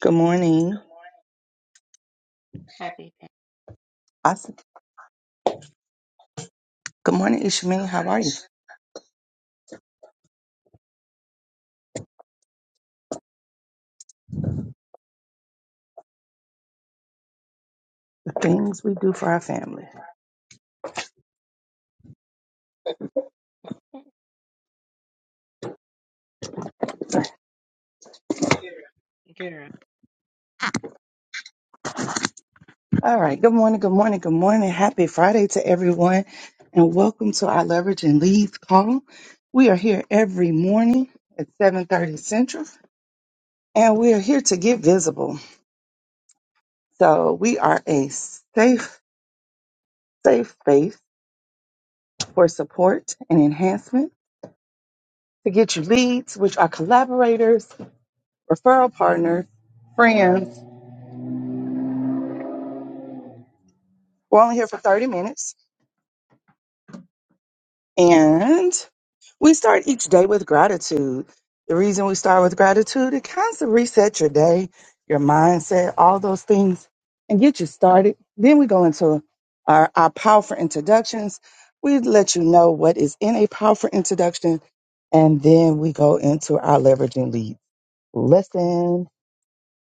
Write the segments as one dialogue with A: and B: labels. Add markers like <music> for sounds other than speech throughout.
A: Good morning.
B: Happy day,
A: I s good morning, Ishmael. How are you? The things we do for our family.
B: girl.
A: All right. Good morning. Good morning. Good morning. Happy Friday to everyone. And welcome to our Leverage and Leads call. We are here every morning at 7.30 Central, and we are here to get visible. So we are a safe, safe space for support and enhancement to get you leads, which are collaborators, referral partners, friends. We're only here for 30 minutes. And We start each day with gratitude. The reason we start with gratitude, it kind of resets your day, your mindset, all those things, and get you started. Then we go into our, our powerful introductions. We let you know what is in a powerful introduction, and then we go into our leveraging leads. lesson.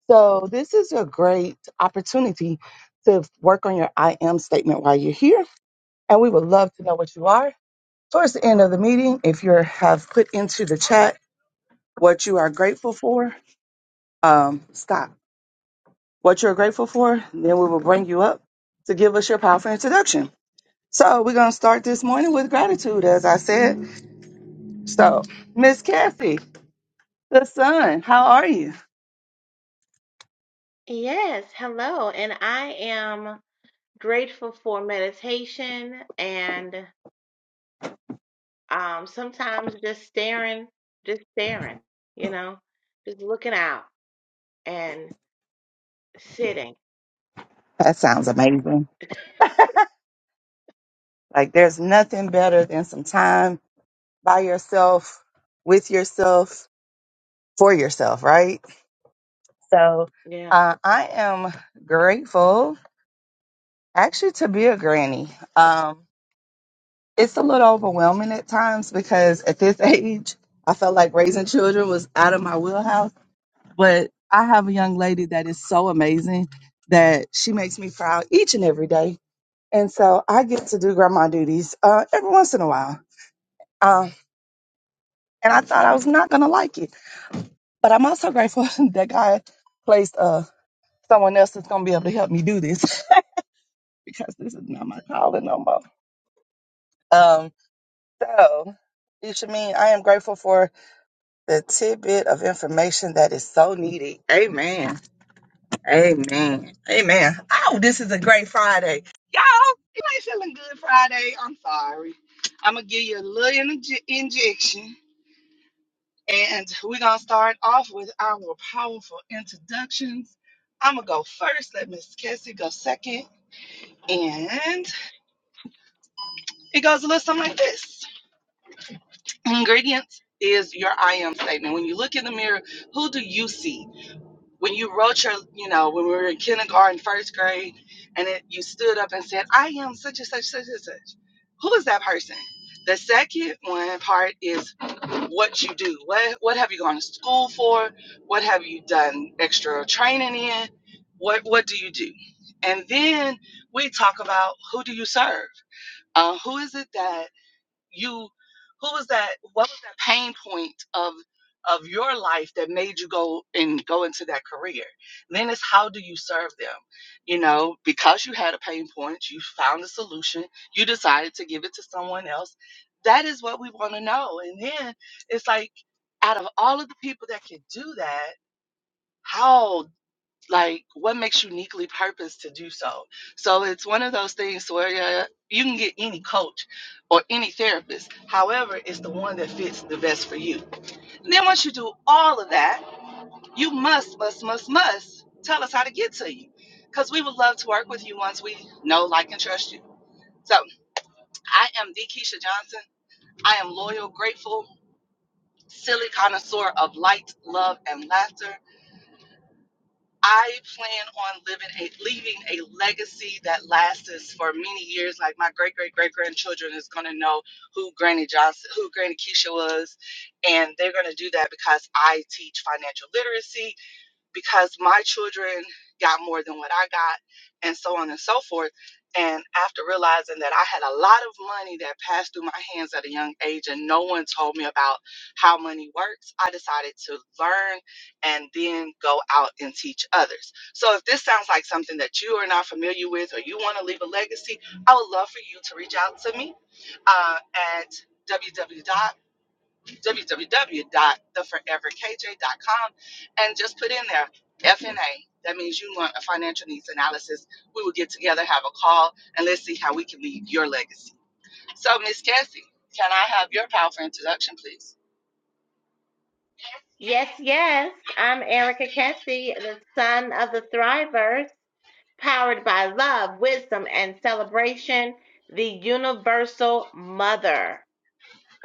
A: So this is a great opportunity to work on your I am statement while you're here, and we would love to know what you are towards the end of the meeting, if you have put into the chat what you are grateful for. Um, stop. What you're grateful for, then we will bring you up to give us your powerful introduction. So we're gonna start this morning with gratitude, as I said. So, Miss Kathy, the sun, how are you?
B: Yes, hello. And I am grateful for meditation and um sometimes just staring, just staring, you know, just looking out and sitting.
A: That sounds amazing. Like there's nothing better than some time by yourself, with yourself, for yourself, right? So
B: Yeah.
A: uh, I am grateful actually to be a granny. Um, it's a little overwhelming at times because at this <laughs> age, I felt like raising children was out of my wheelhouse. But I have a young lady that is so amazing that she makes me proud each and every day. And so I get to do grandma duties uh, every once in a while. Um, and I thought I was not going to like it. But I'm also grateful <laughs> that God placed uh, someone else that's going to be able to help me do this <laughs> because this is not my calling no more. Um, so, it should mean I am grateful for the tidbit of information that is so needed. Amen. Amen. Amen. Oh, this is a great Friday. Y'all, you ain't feeling good Friday. I'm sorry. I'm going to give you a little inje- injection. And we're going to start off with our powerful introductions. I'm going to go first, let Miss Cassie go second. And it goes a little something like this Ingredients is your I am statement. When you look in the mirror, who do you see? when you wrote your, you know, when we were in kindergarten, first grade, and it, you stood up and said, I am such and such, such and such. Who is that person? The second one part is what you do. What what have you gone to school for? What have you done extra training in? What what do you do? And then we talk about who do you serve? Uh, who is it that you who was that what was that pain point of of your life that made you go and go into that career then it's how do you serve them you know because you had a pain point you found a solution you decided to give it to someone else that is what we want to know and then it's like out of all of the people that can do that how? like what makes you uniquely purposed to do so so it's one of those things where yeah, you can get any coach or any therapist however it's the one that fits the best for you and then once you do all of that you must must must must tell us how to get to you because we would love to work with you once we know like and trust you so i am the keisha johnson i am loyal grateful silly connoisseur of light love and laughter I plan on living a leaving a legacy that lasts for many years. Like my great great great grandchildren is gonna know who Granny Johnson, who Granny Keisha was, and they're gonna do that because I teach financial literacy because my children got more than what I got, and so on and so forth. And after realizing that I had a lot of money that passed through my hands at a young age, and no one told me about how money works, I decided to learn and then go out and teach others. So, if this sounds like something that you are not familiar with or you want to leave a legacy, I would love for you to reach out to me uh, at www www.theforeverkj.com and just put in there FNA. That means you want a financial needs analysis. We will get together, have a call, and let's see how we can leave your legacy. So, Miss Cassie, can I have your powerful introduction, please?
B: Yes, yes. I'm Erica Kessie, the son of the Thrivers, powered by love, wisdom, and celebration, the universal mother.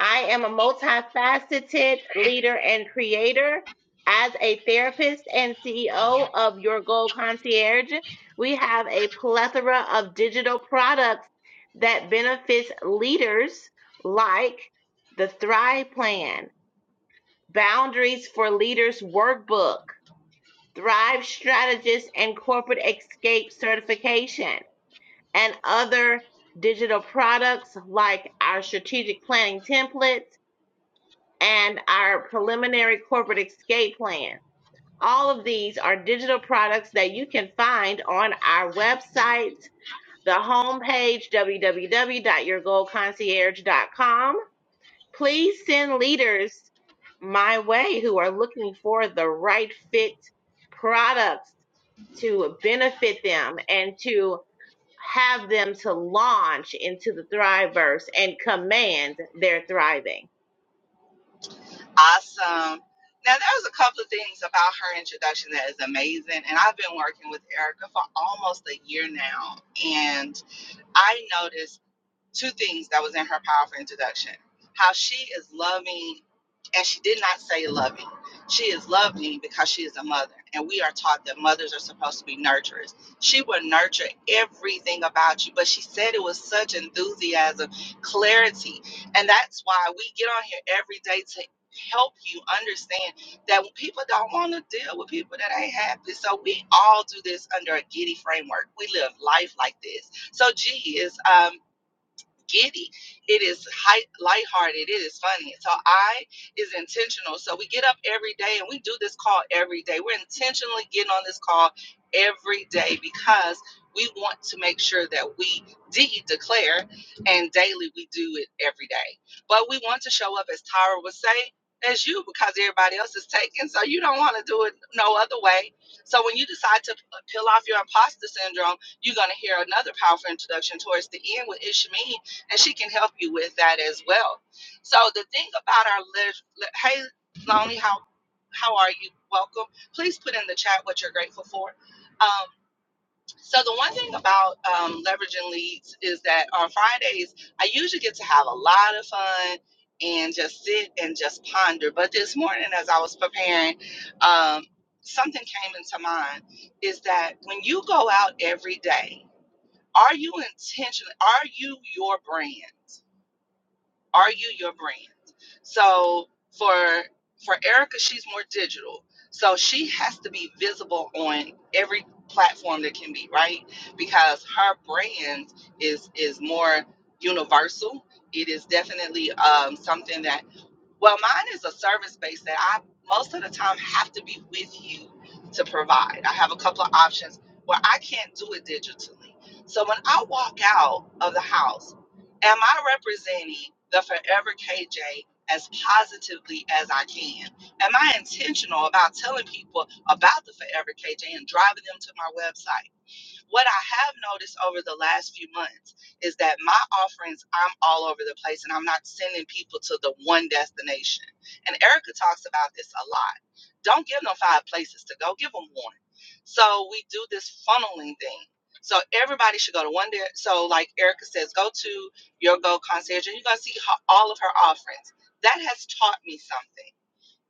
B: I am a multifaceted leader and creator. As a therapist and CEO of Your Goal Concierge, we have a plethora of digital products that benefits leaders like the Thrive Plan, Boundaries for Leaders Workbook, Thrive Strategist and Corporate Escape Certification, and other digital products like our strategic planning templates and our preliminary corporate escape plan. All of these are digital products that you can find on our website, the homepage, w w w dot your goal concierge dot com. Please send leaders my way who are looking for the right fit products to benefit them and to have them to launch into the Thriveverse and command their thriving.
A: Awesome. Now, there was a couple of things about her introduction that is amazing. And I've been working with Erica for almost a year now. And I noticed two things that was in her powerful introduction how she is loving and she did not say loving she is loving because she is a mother and we are taught that mothers are supposed to be nurturers she will nurture everything about you but she said it with such enthusiasm clarity and that's why we get on here every day to help you understand that people don't want to deal with people that ain't happy so we all do this under a giddy framework we live life like this so g is um giddy. It is high, lighthearted. It is funny. So I is intentional. So we get up every day and we do this call every day. We're intentionally getting on this call every day because we want to make sure that we de declare and daily we do it every day. But we want to show up as Tyra would say, as you because everybody else is taken. So you don't want to do it no other way. So when you decide to uh, peel off your imposter syndrome, you're going to hear another powerful introduction towards the end with Ishmael and she can help you with that as well. So the thing about our lit- lit- hey Lonnie, how how are you? Welcome. Please put in the chat what you're grateful for. Um, so the one thing about um, leveraging leads is that on Fridays I usually get to have a lot of fun and just sit and just ponder. But this morning, as I was preparing, um, something came into mind: is that when you go out every day, are you intentional? Are you your brand? Are you your brand? So for for Erica, she's more digital. So she has to be visible on every platform that can be, right? Because her brand is is more universal. It is definitely um, something that well, mine is a service based that I most of the time have to be with you to provide. I have a couple of options where I can't do it digitally. So when I walk out of the house, am I representing the Forever KJ as positively as I can? Am I intentional about telling people about the Forever KJ and driving them to my website? what I have noticed over the last few months is that my offerings, I'm all over the place and I'm not sending people to the one destination. And Erica talks about this a lot. Don't give them five places to go, give them one. So we do this funneling thing. So everybody should go to one there. So, like Erica says, go to your Go Concierge and you're going to see her, all of her offerings. That has taught me something.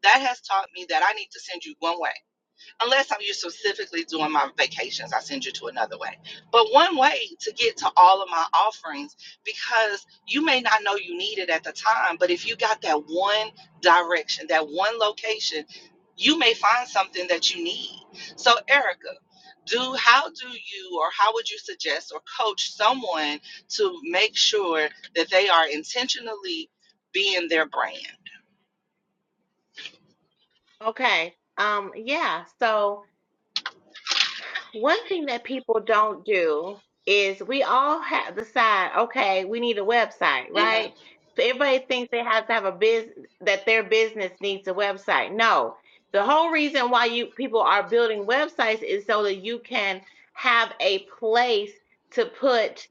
A: That has taught me that I need to send you one way unless I'm you specifically doing my vacations, I send you to another way. But one way to get to all of my offerings, because you may not know you need it at the time, but if you got that one direction, that one location, you may find something that you need. So, Erica, do how do you or how would you suggest or coach someone to make sure that they are intentionally being their brand?
B: Okay. Um, yeah. So One thing that people don't do is we all have decide, okay, we need a website,
A: Mm-hmm.
B: right? So everybody thinks they have to have a business that their business needs a website. No. The whole reason why you people are building websites is so that you can have a place to put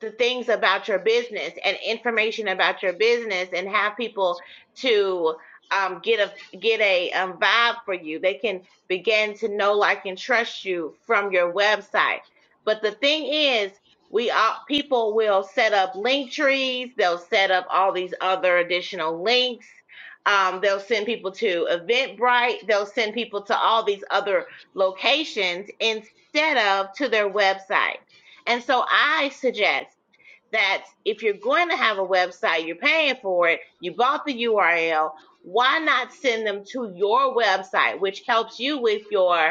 B: the things about your business and information about your business and have people to um, get a get a um, vibe for you. They can begin to know, like, and trust you from your website. But the thing is, we all people will set up link trees. They'll set up all these other additional links. Um, they'll send people to Eventbrite. They'll send people to all these other locations instead of to their website. And so I suggest that if you're going to have a website, you're paying for it, you bought the URL, why not send them to your website, which helps you with your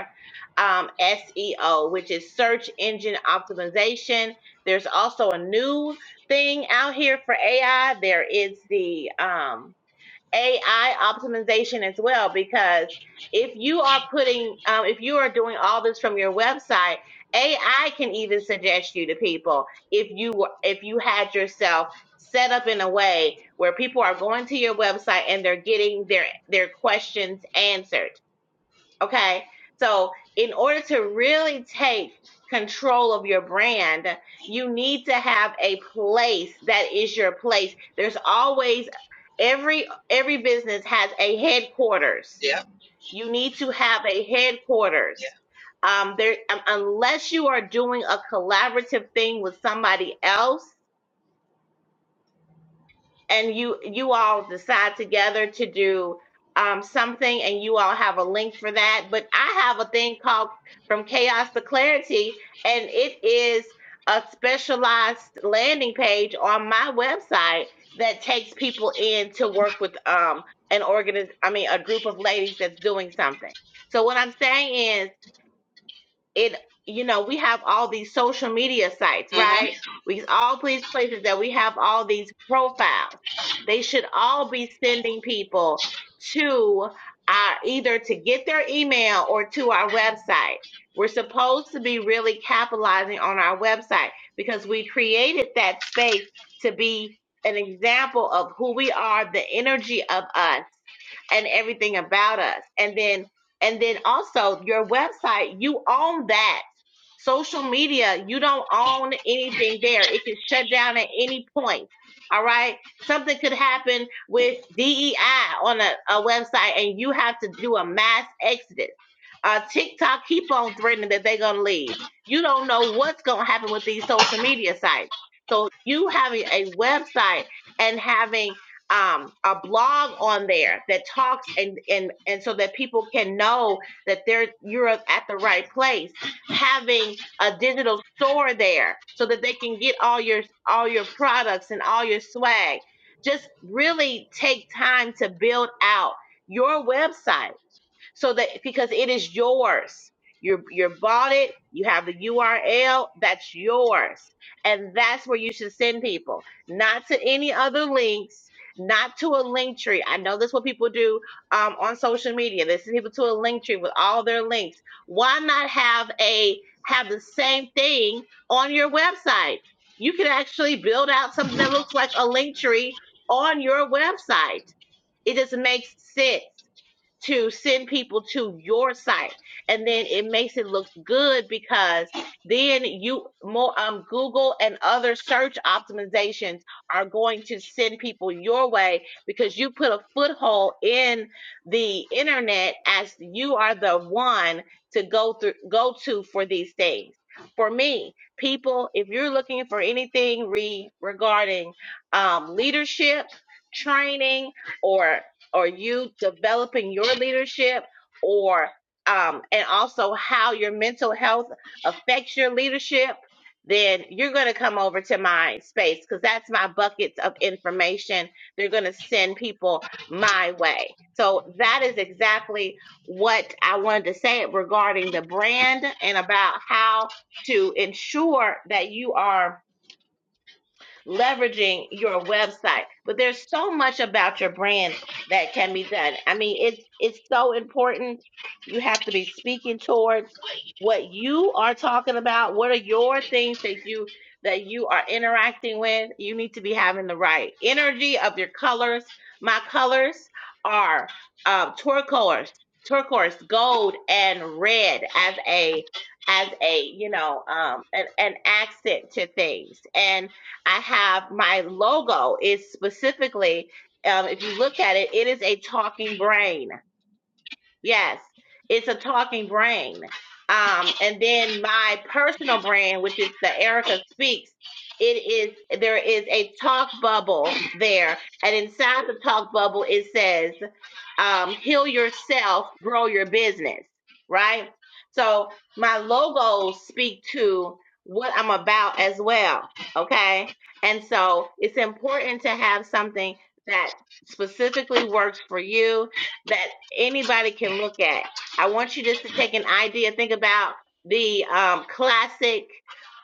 B: um, SEO, which is search engine optimization. There's also a new thing out here for AI. There is the um, AI optimization as well because if you are putting, um, if you are doing all this from your website, AI can even suggest you to people if you were- if you had yourself set up in a way where people are going to your website and they're getting their their questions answered. Okay. So, in order to really take control of your brand, you need to have a place that is your place. There's always every every business has a headquarters.
A: Yeah.
B: You need to have a
A: Yeah.
B: headquarters. Um, there, um, unless you are doing a collaborative thing with somebody else, and you you all decide together to do um, something and you all have a link for that but i have a thing called from chaos to clarity and it is a specialized landing page on my website that takes people in to work with um an organiz- i mean a group of ladies that's doing something so what i'm saying is it you know we have all these social media sites
A: Mm-hmm.
B: right we all these places that we have all these profiles they should all be sending people to our either to get their email or to our website we're supposed to be really capitalizing on our website because we created that space to be an example of who we are the energy of us and everything about us. And then and then also your website, you own that. Social media, you don't own anything there. It can shut down at any point. All right. Something could happen with DEI on a, a website and you have to do a mass exodus. Uh, TikTok keep on threatening that they're going to leave. You don't know what's going to happen with these social media sites. So you having a website and having um, a blog on there that talks and and and so that people can know that they're you're at the right place. Having a digital store there so that they can get all your all your products and all your swag. Just really take time to build out your website so that because it is yours you you bought it you have the url that's yours and that's where you should send people not to any other links not to a link tree i know that's what people do um, on social media they send people to a link tree with all their links why not have a have the same thing on your website you can actually build out something that looks like a link tree on your website it just makes sense to send people to your site and then it makes it look good because then you more um Google and other search optimizations are going to send people your way because you put a foothold in the internet as you are the one to go through go to for these things. For me, people, if you're looking for anything re regarding um leadership, training, or or you developing your leadership or um, and also how your mental health affects your leadership then you're going to come over to my space because that's my buckets of information they're going to send people my way so that is exactly what i wanted to say regarding the brand and about how to ensure that you are leveraging your website. But there's so much about your brand that can be done. I mean, it's it's so important. You have to be speaking towards what you are talking about. What are your things that you that you are interacting with? You need to be having the right energy of your colors. My colors are um, turquoise, turquoise, gold, and red as a as a you know um an, an accent to things. And I have my logo is specifically, um, if you look at it, it is a talking brain. Yes, it's a talking brain. Um, and then my personal brand, which is the Erica Speaks, it is there is a talk bubble there, and inside the talk bubble it says um, heal yourself, grow your business, right? So my logos speak to what I'm about as well, okay? And so it's important to have something that specifically works for you that anybody can look at. I want you just to take an idea, think about the um, classic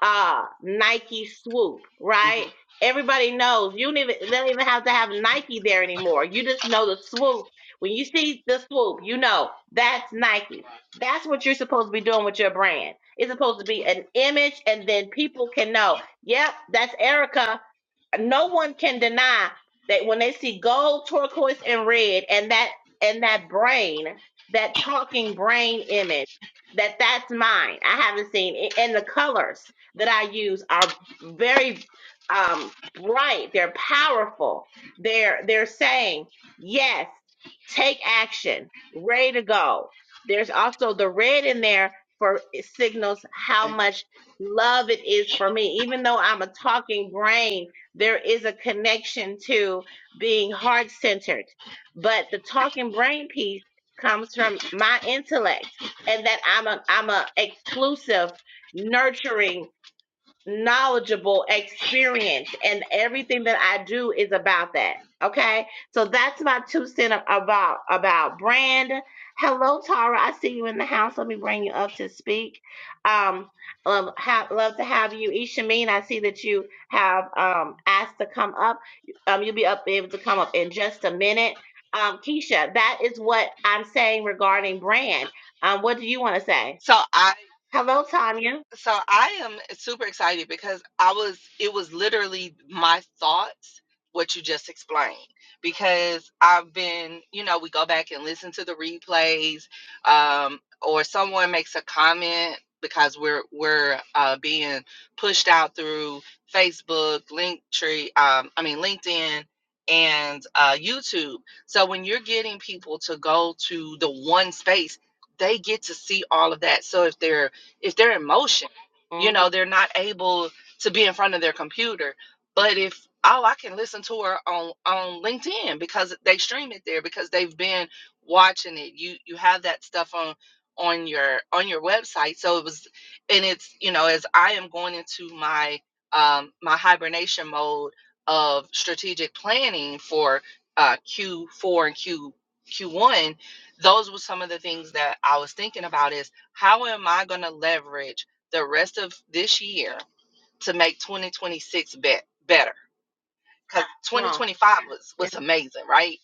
B: uh, Nike swoop,
A: Mm-hmm.
B: right? Everybody knows you don't even they don't even have to have Nike there anymore. You just know the swoop when you see the swoop, you know that's Nike. That's what you're supposed to be doing with your brand. It's supposed to be an image, and then people can know, yep, that's Erica no one can deny that when they see gold, turquoise, and red, and that and that brain, that talking brain image, that that's mine. I haven't seen, a- and the colors that I use are very um, bright. They're powerful. They're they're saying yes, take action, ready to go. There's also the red in there for it signals how much love it is for me, even though I'm a talking brain there is a connection to being heart centered. But the talking brain piece comes from my intellect and that I'm a I'm a exclusive, nurturing knowledgeable experience and everything that I do is about that. Okay. So that's my two cent about about brand. Hello, Tara. I see you in the house. Let me bring you up to speak. Um, love, ha- love to have you. Ishameen, I see that you have um asked to come up. Um, you'll be up able to come up in just a minute. Um, Keisha, that is what I'm saying regarding brand. Um, what do you want to say?
A: So I
B: Hello, Tanya.
A: So I am super excited because I was, it was literally my thoughts, what you just explained. Because I've been, you know, we go back and listen to the replays, um, or someone makes a comment because we're we're uh, being pushed out through Facebook, Linktree, um, I mean LinkedIn and uh, YouTube. So when you're getting people to go to the one space, they get to see all of that. So if they're if they're in motion, you
B: Mm-hmm.
A: know, they're not able to be in front of their computer. But if oh, I can listen to her on on LinkedIn because they stream it there because they've been watching it. You you have that stuff on on your on your website. So it was and it's, you know, as I am going into my um my hibernation mode of strategic planning for uh Q4 and Q Q1, those were some of the things that I was thinking about Is how am I going to leverage the rest of this year to make 2026 be- better? because
B: Come on.
A: 2025 was was amazing, right?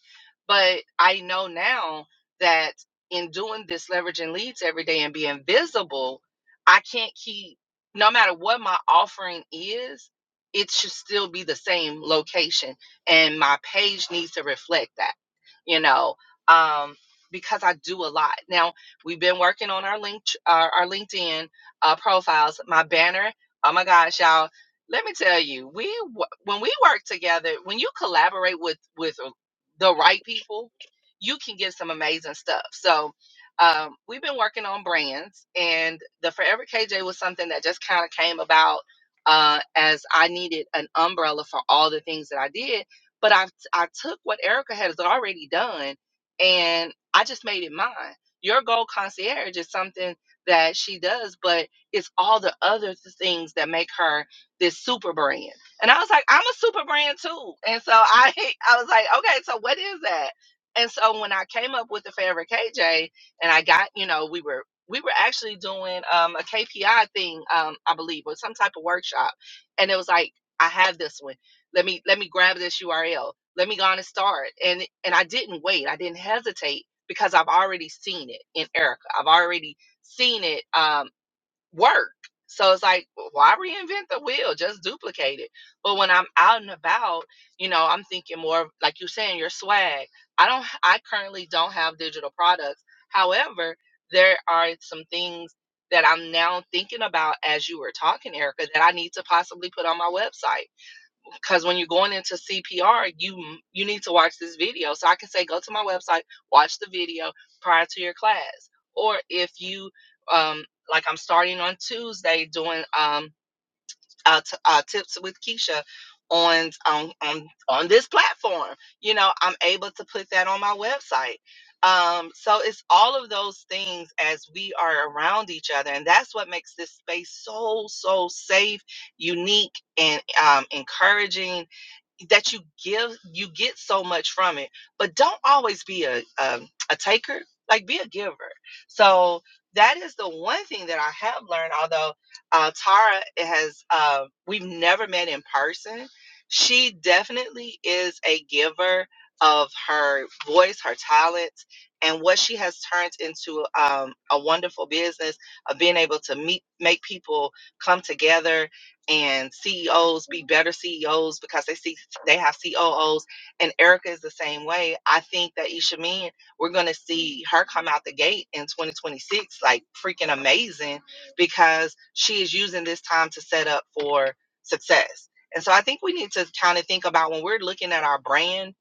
A: But I know now that in doing this leveraging leads every day and being visible, I can't keep no matter what my offering is, it should still be the same location, and my page needs to reflect that, you know, um, because I do a lot. Now we've been working on our link our, our LinkedIn uh, profiles, my banner. Oh my gosh, y'all! let me tell you we wo- when we work together when you collaborate with with uh, the right people you can get some amazing stuff so um, we've been working on brands and the forever kj was something that just kind of came about uh, as i needed an umbrella for all the things that i did but i i took what erica has already done and i just made it mine your goal concierge is something that she does but it's all the other things that make her this super brand. And I was like, I'm a super brand too. And so I <laughs> I was like, okay, so what is that? And so when I came up with the favorite KJ and I got, you know, we were we were actually doing um, a KPI thing, um, I believe, or some type of workshop. And it was like, I have this one. Let me let me grab this URL. Let me go on and start. And and I didn't wait. I didn't hesitate because I've already seen it in Erica. I've already seen it. Um, work. So it's like, "Well, why reinvent the wheel? Just duplicate it. But when I'm out and about, you know, I'm thinking more of, like you're saying, your swag. I don't, I currently don't have digital products. However, there are some things that I'm now thinking about as you were talking, Erica, that I need to possibly put on my website because when you're going into CPR, you you need to watch this video. So I can say go to my website, watch the video prior to your class. Or if you um like I'm starting on Tuesday doing um uh, t- uh, tips with Keisha on on on on this platform. You know, I'm able to put that on my website. Um, so it's all of those things as we are around each other, and that's what makes this space so so safe, unique, and um, encouraging. That you give, you get so much from it, but don't always be a um, a taker. Like be a giver. So that is the one thing that I have learned. Although uh, Tara has, uh, we've never met in person. She definitely is a giver of her voice, her talents, and what she has turned into um, a wonderful business of being able to meet, make people come together and CEOs be better CEOs because they see they have COOs and Erica is the same way. I think that Isha Mean, we're gonna see her come out the gate in 2026 like freaking amazing because she is using this time to set up for success. And so I think we need to kind of think about when we're looking at our brand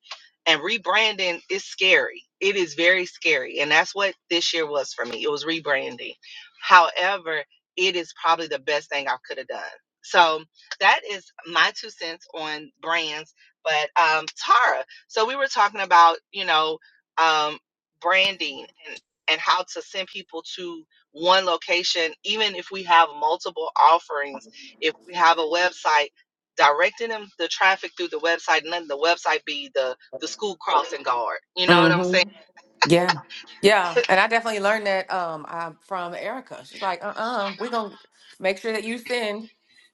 A: and rebranding is scary. It is very scary. And that's what this year was for me. It was rebranding. However, it is probably the best thing I could have done. So that is my two cents on brands. But um, Tara, so we were talking about, you know, um, branding and, and how to send people to one location, even if we have multiple offerings, if we have a website, directing them the traffic through the website and letting the website be the the school crossing guard. You know what I'm saying?
C: Mm-hmm. Yeah. Yeah. And I definitely learned that um I, from Erica. She's like, uh uh-uh, uh, we are going to make sure that you send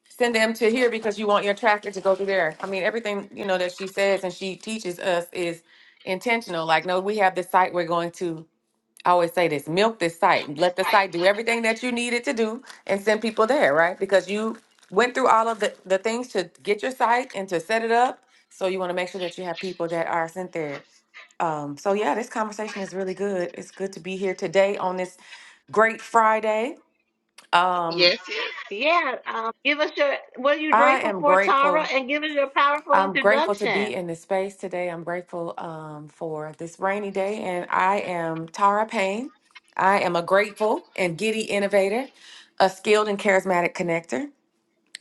C: send them to here because you want your tractor to go through there. I mean, everything, you know, that she says and she teaches us is intentional. Like, no, we have this site we're going to I always say this, milk this site. Let the site do everything that you need it to do and send people there, right? Because you went through all of the, the things to get your site and to set it up. So you want to make sure that you have people that are sent there. Um, so yeah, this conversation is really good. It's good to be here today on this great Friday. Um,
A: Yes,
B: Yeah, um, give us your what are you
C: I
B: grateful
C: am
B: for, Tara,
C: grateful.
B: and give us your powerful
C: I'm grateful to be
B: introduction.
C: in this space today. I'm grateful um, for this rainy day, and I am Tara Payne. I am a grateful and giddy innovator, a skilled and charismatic connector.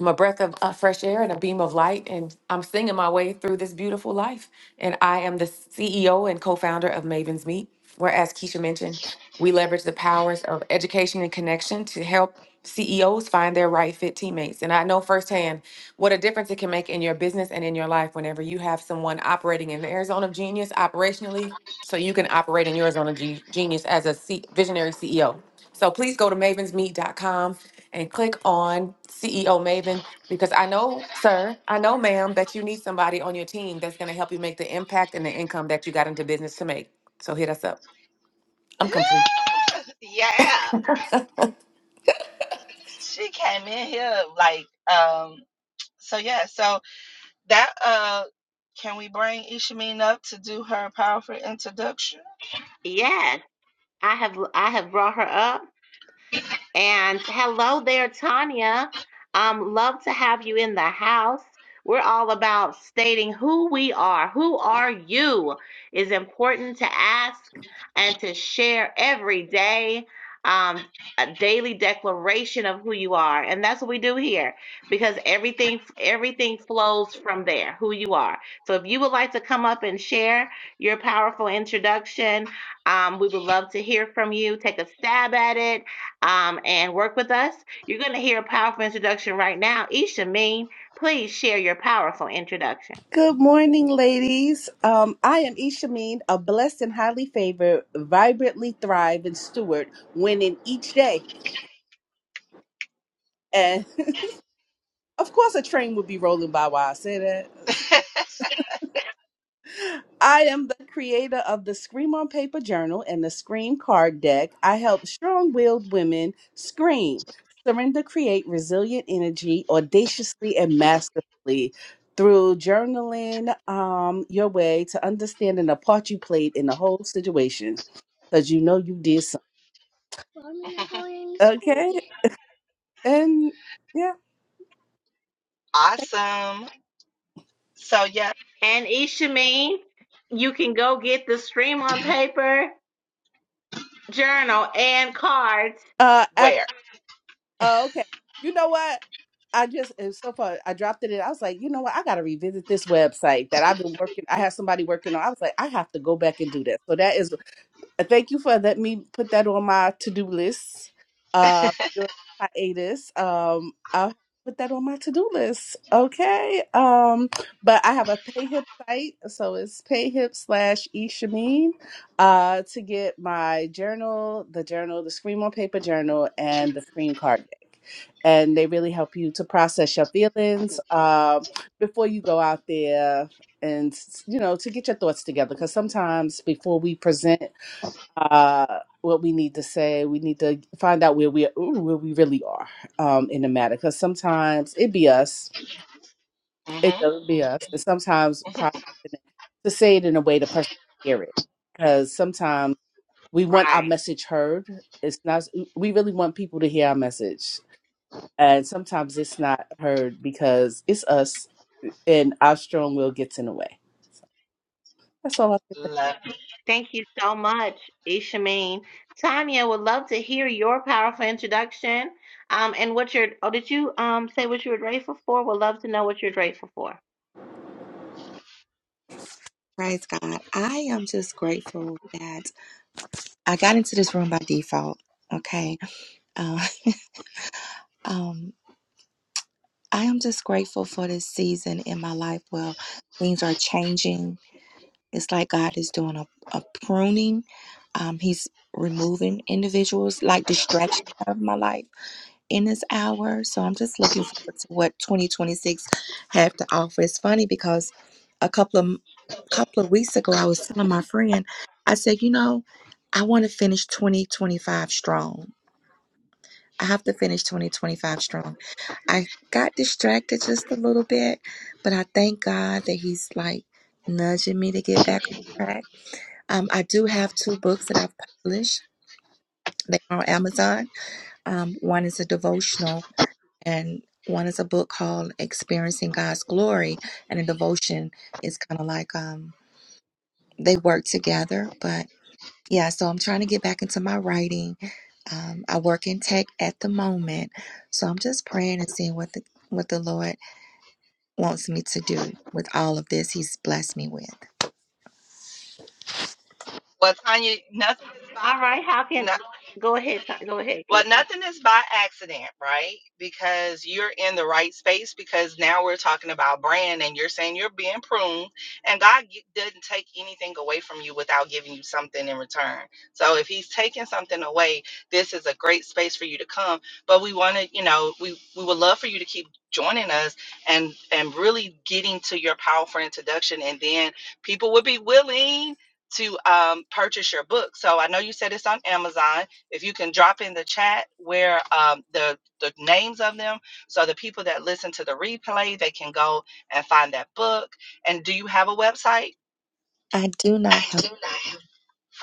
C: i a breath of uh, fresh air and a beam of light, and I'm singing my way through this beautiful life. And I am the CEO and co founder of Maven's Meet, where, as Keisha mentioned, we leverage the powers of education and connection to help CEOs find their right fit teammates. And I know firsthand what a difference it can make in your business and in your life whenever you have someone operating in their zone of genius operationally, so you can operate in your zone of ge- genius as a C- visionary CEO. So please go to mavens meet dot com and click on CEO Maven because I know, sir, I know, ma'am, that you need somebody on your team that's going to help you make the impact and the income that you got into business to make. So hit us up. I'm
A: yes. <laughs>
C: complete.
A: Yeah. yeah. She came in here like um so yeah, so that uh can we bring Ishamine up to do her powerful introduction?
B: Yes, I have I have brought her up. And hello there, Tanya. Um, love to have you in the house. We're all about stating who we are. Who are you is important to ask and to share every day. Um, a daily declaration of who you are, and that's what we do here because everything everything flows from there. Who you are. So if you would like to come up and share your powerful introduction, um, we would love to hear from you. Take a stab at it um, and work with us. You're going to hear a powerful introduction right now. Ishameen, please share your powerful introduction.
D: Good morning, ladies. Um, I am Ishameen, a blessed and highly favored, vibrantly thrive and steward, winning each day. And <laughs> of course, a train would be rolling by while I say that. I am the creator of the Scream on Paper Journal and the Scream Card Deck. I help strong willed women scream, surrender, create resilient energy audaciously and masterfully through journaling um, your way to understanding the part you played in the whole situation because you know you did something.
A: Well, I'm not going <laughs> to school
D: Okay.
A: yet.
D: And yeah.
A: Awesome. So yeah,
B: And Ishameen, you can go get the stream on paper, journal, and cards.
D: Uh,
A: where?
D: Oh, okay. You know what? I just it was so far I dropped it in. I was like, you know what? I gotta revisit this website that I've been working. I had somebody working on. I was like, I have to go back and do that. So that is uh, Thank you for letting me put that on my to do list. Uh, during hiatus, um, I'll put that on my to do list. Okay. Um, but I have a PayHip site, so it's PayHip slash eShameen, uh, to get my journal, the journal, the Scream on Paper journal, and the Scream card deck. And they really help you to process your feelings um, before you go out there and you know to get your thoughts together because sometimes before we present uh what we need to say we need to find out where we are ooh, where we really are um in the matter because sometimes it be us
A: Mm-hmm.
D: it doesn't be
A: Mm-hmm.
D: us and sometimes probably to say it in a way the person can hear it because sometimes we want our
B: Right.
D: message heard it's not we really want people to hear our message and sometimes it's not heard because it's us and our strong will gets in the way that's all i think
A: Love.
B: Thank you so much, Ishameen. Tanya would love to hear your powerful introduction. Um, and what you're oh, did you um say what you were grateful for? Would love to know what you're grateful for.
E: Praise God. I am just grateful that I got into this room by default. Okay. Uh, <laughs> um, I am just grateful for this season in my life. Well, things are changing. It's like God is doing a, a pruning. Um, he's removing individuals like distractions out of my life. in this hour. So I'm just looking forward to what 2026 have to offer. It's funny because a couple of couple of weeks ago, I was telling my friend, I said, you know, I want to finish 2025 strong. I have to finish 2025 strong. I got distracted just a little bit, but I thank God that He's like nudging me to get back on track. Um, I do have two books that I've published. They are on Amazon. Um, one is a devotional and one is a book called Experiencing God's Glory, and a devotion is kind of like um, they work together. But yeah, so I'm trying to get back into my writing. Um, I work in tech at the moment, so I'm just praying and seeing what the what the Lord wants me to do with all of this He's blessed me with.
A: Well, Tanya, nothing.
B: All right, how can
A: Not,
B: go ahead, Ta- go ahead,
A: Well,
B: Keisha.
A: nothing is by accident, right? Because you're in the right space because now we're talking about brand and you're saying you're being pruned and God gi- doesn't take anything away from you without giving you something in return. So if he's taking something away, this is a great space for you to come, but we want to, you know, we we would love for you to keep joining us and and really getting to your powerful introduction and then people would be willing to um, purchase your book. So I know you said it's on Amazon if you can drop in the chat where um, the the names of them, so the people that listen to the replay they can go and find that book. And do you have a website?
E: I do not
A: I
E: have.
A: do not have.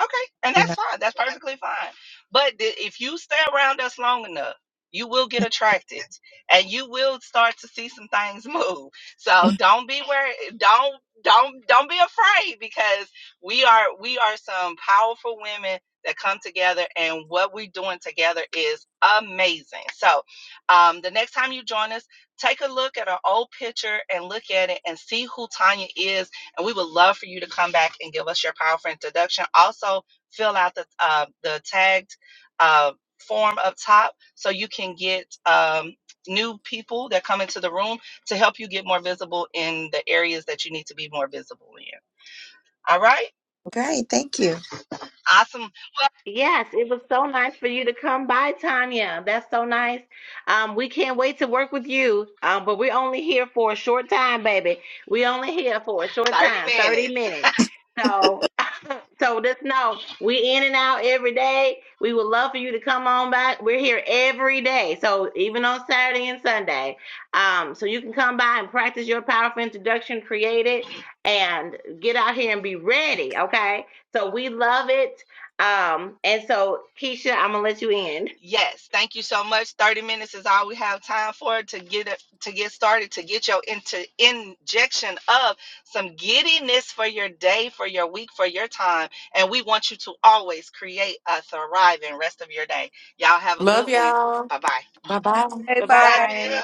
A: Okay, and
E: Do
A: that's fine. That's perfectly fine. But th- if you stay around us long enough, you will get attracted, and you will start to see some things <laughs> move. So
E: not,
A: don't be where don't don't don't be afraid because we are we are some powerful women that come together, and what we're doing together is amazing. So um, the next time you join us, take a look at our old picture and look at it and see who Tanya is and we would love for you to come back and give us your powerful introduction. Also, fill out the uh, the tagged uh, form up top so you can get um, new people that come into the room to help you get more visible in the areas that you need to be more visible in. All right,
E: <laughs> okay, thank you.
A: awesome.
B: Yes, it was so nice for you to come by, Tanya. That's so nice. Um, we can't wait to work with you. Um, but we're only here for a short time, baby. We only here for a short
A: Thirty
B: time,
A: minutes.
B: 30 minutes. So <laughs> so just know we in and out every day. We would love for you to come on back. We're here every day. So even on Saturday and Sunday. Um, so you can come by and practice your powerful introduction, create it, and get out here and be ready, okay? So we love it. Um, and so Keisha, I'm gonna let you in.
A: Yes, thank you so much. 30 minutes is all we have time for to get it to get started, to get your into injection of some giddiness for your day, for your week, for your time. And we want you to always create a thriving rest of your day. Y'all have a
C: Love
A: good one.
C: y'all.
A: Bye bye.
C: Bye bye.
D: Hey,
B: Bye
D: bye.
A: Love you.
B: bye.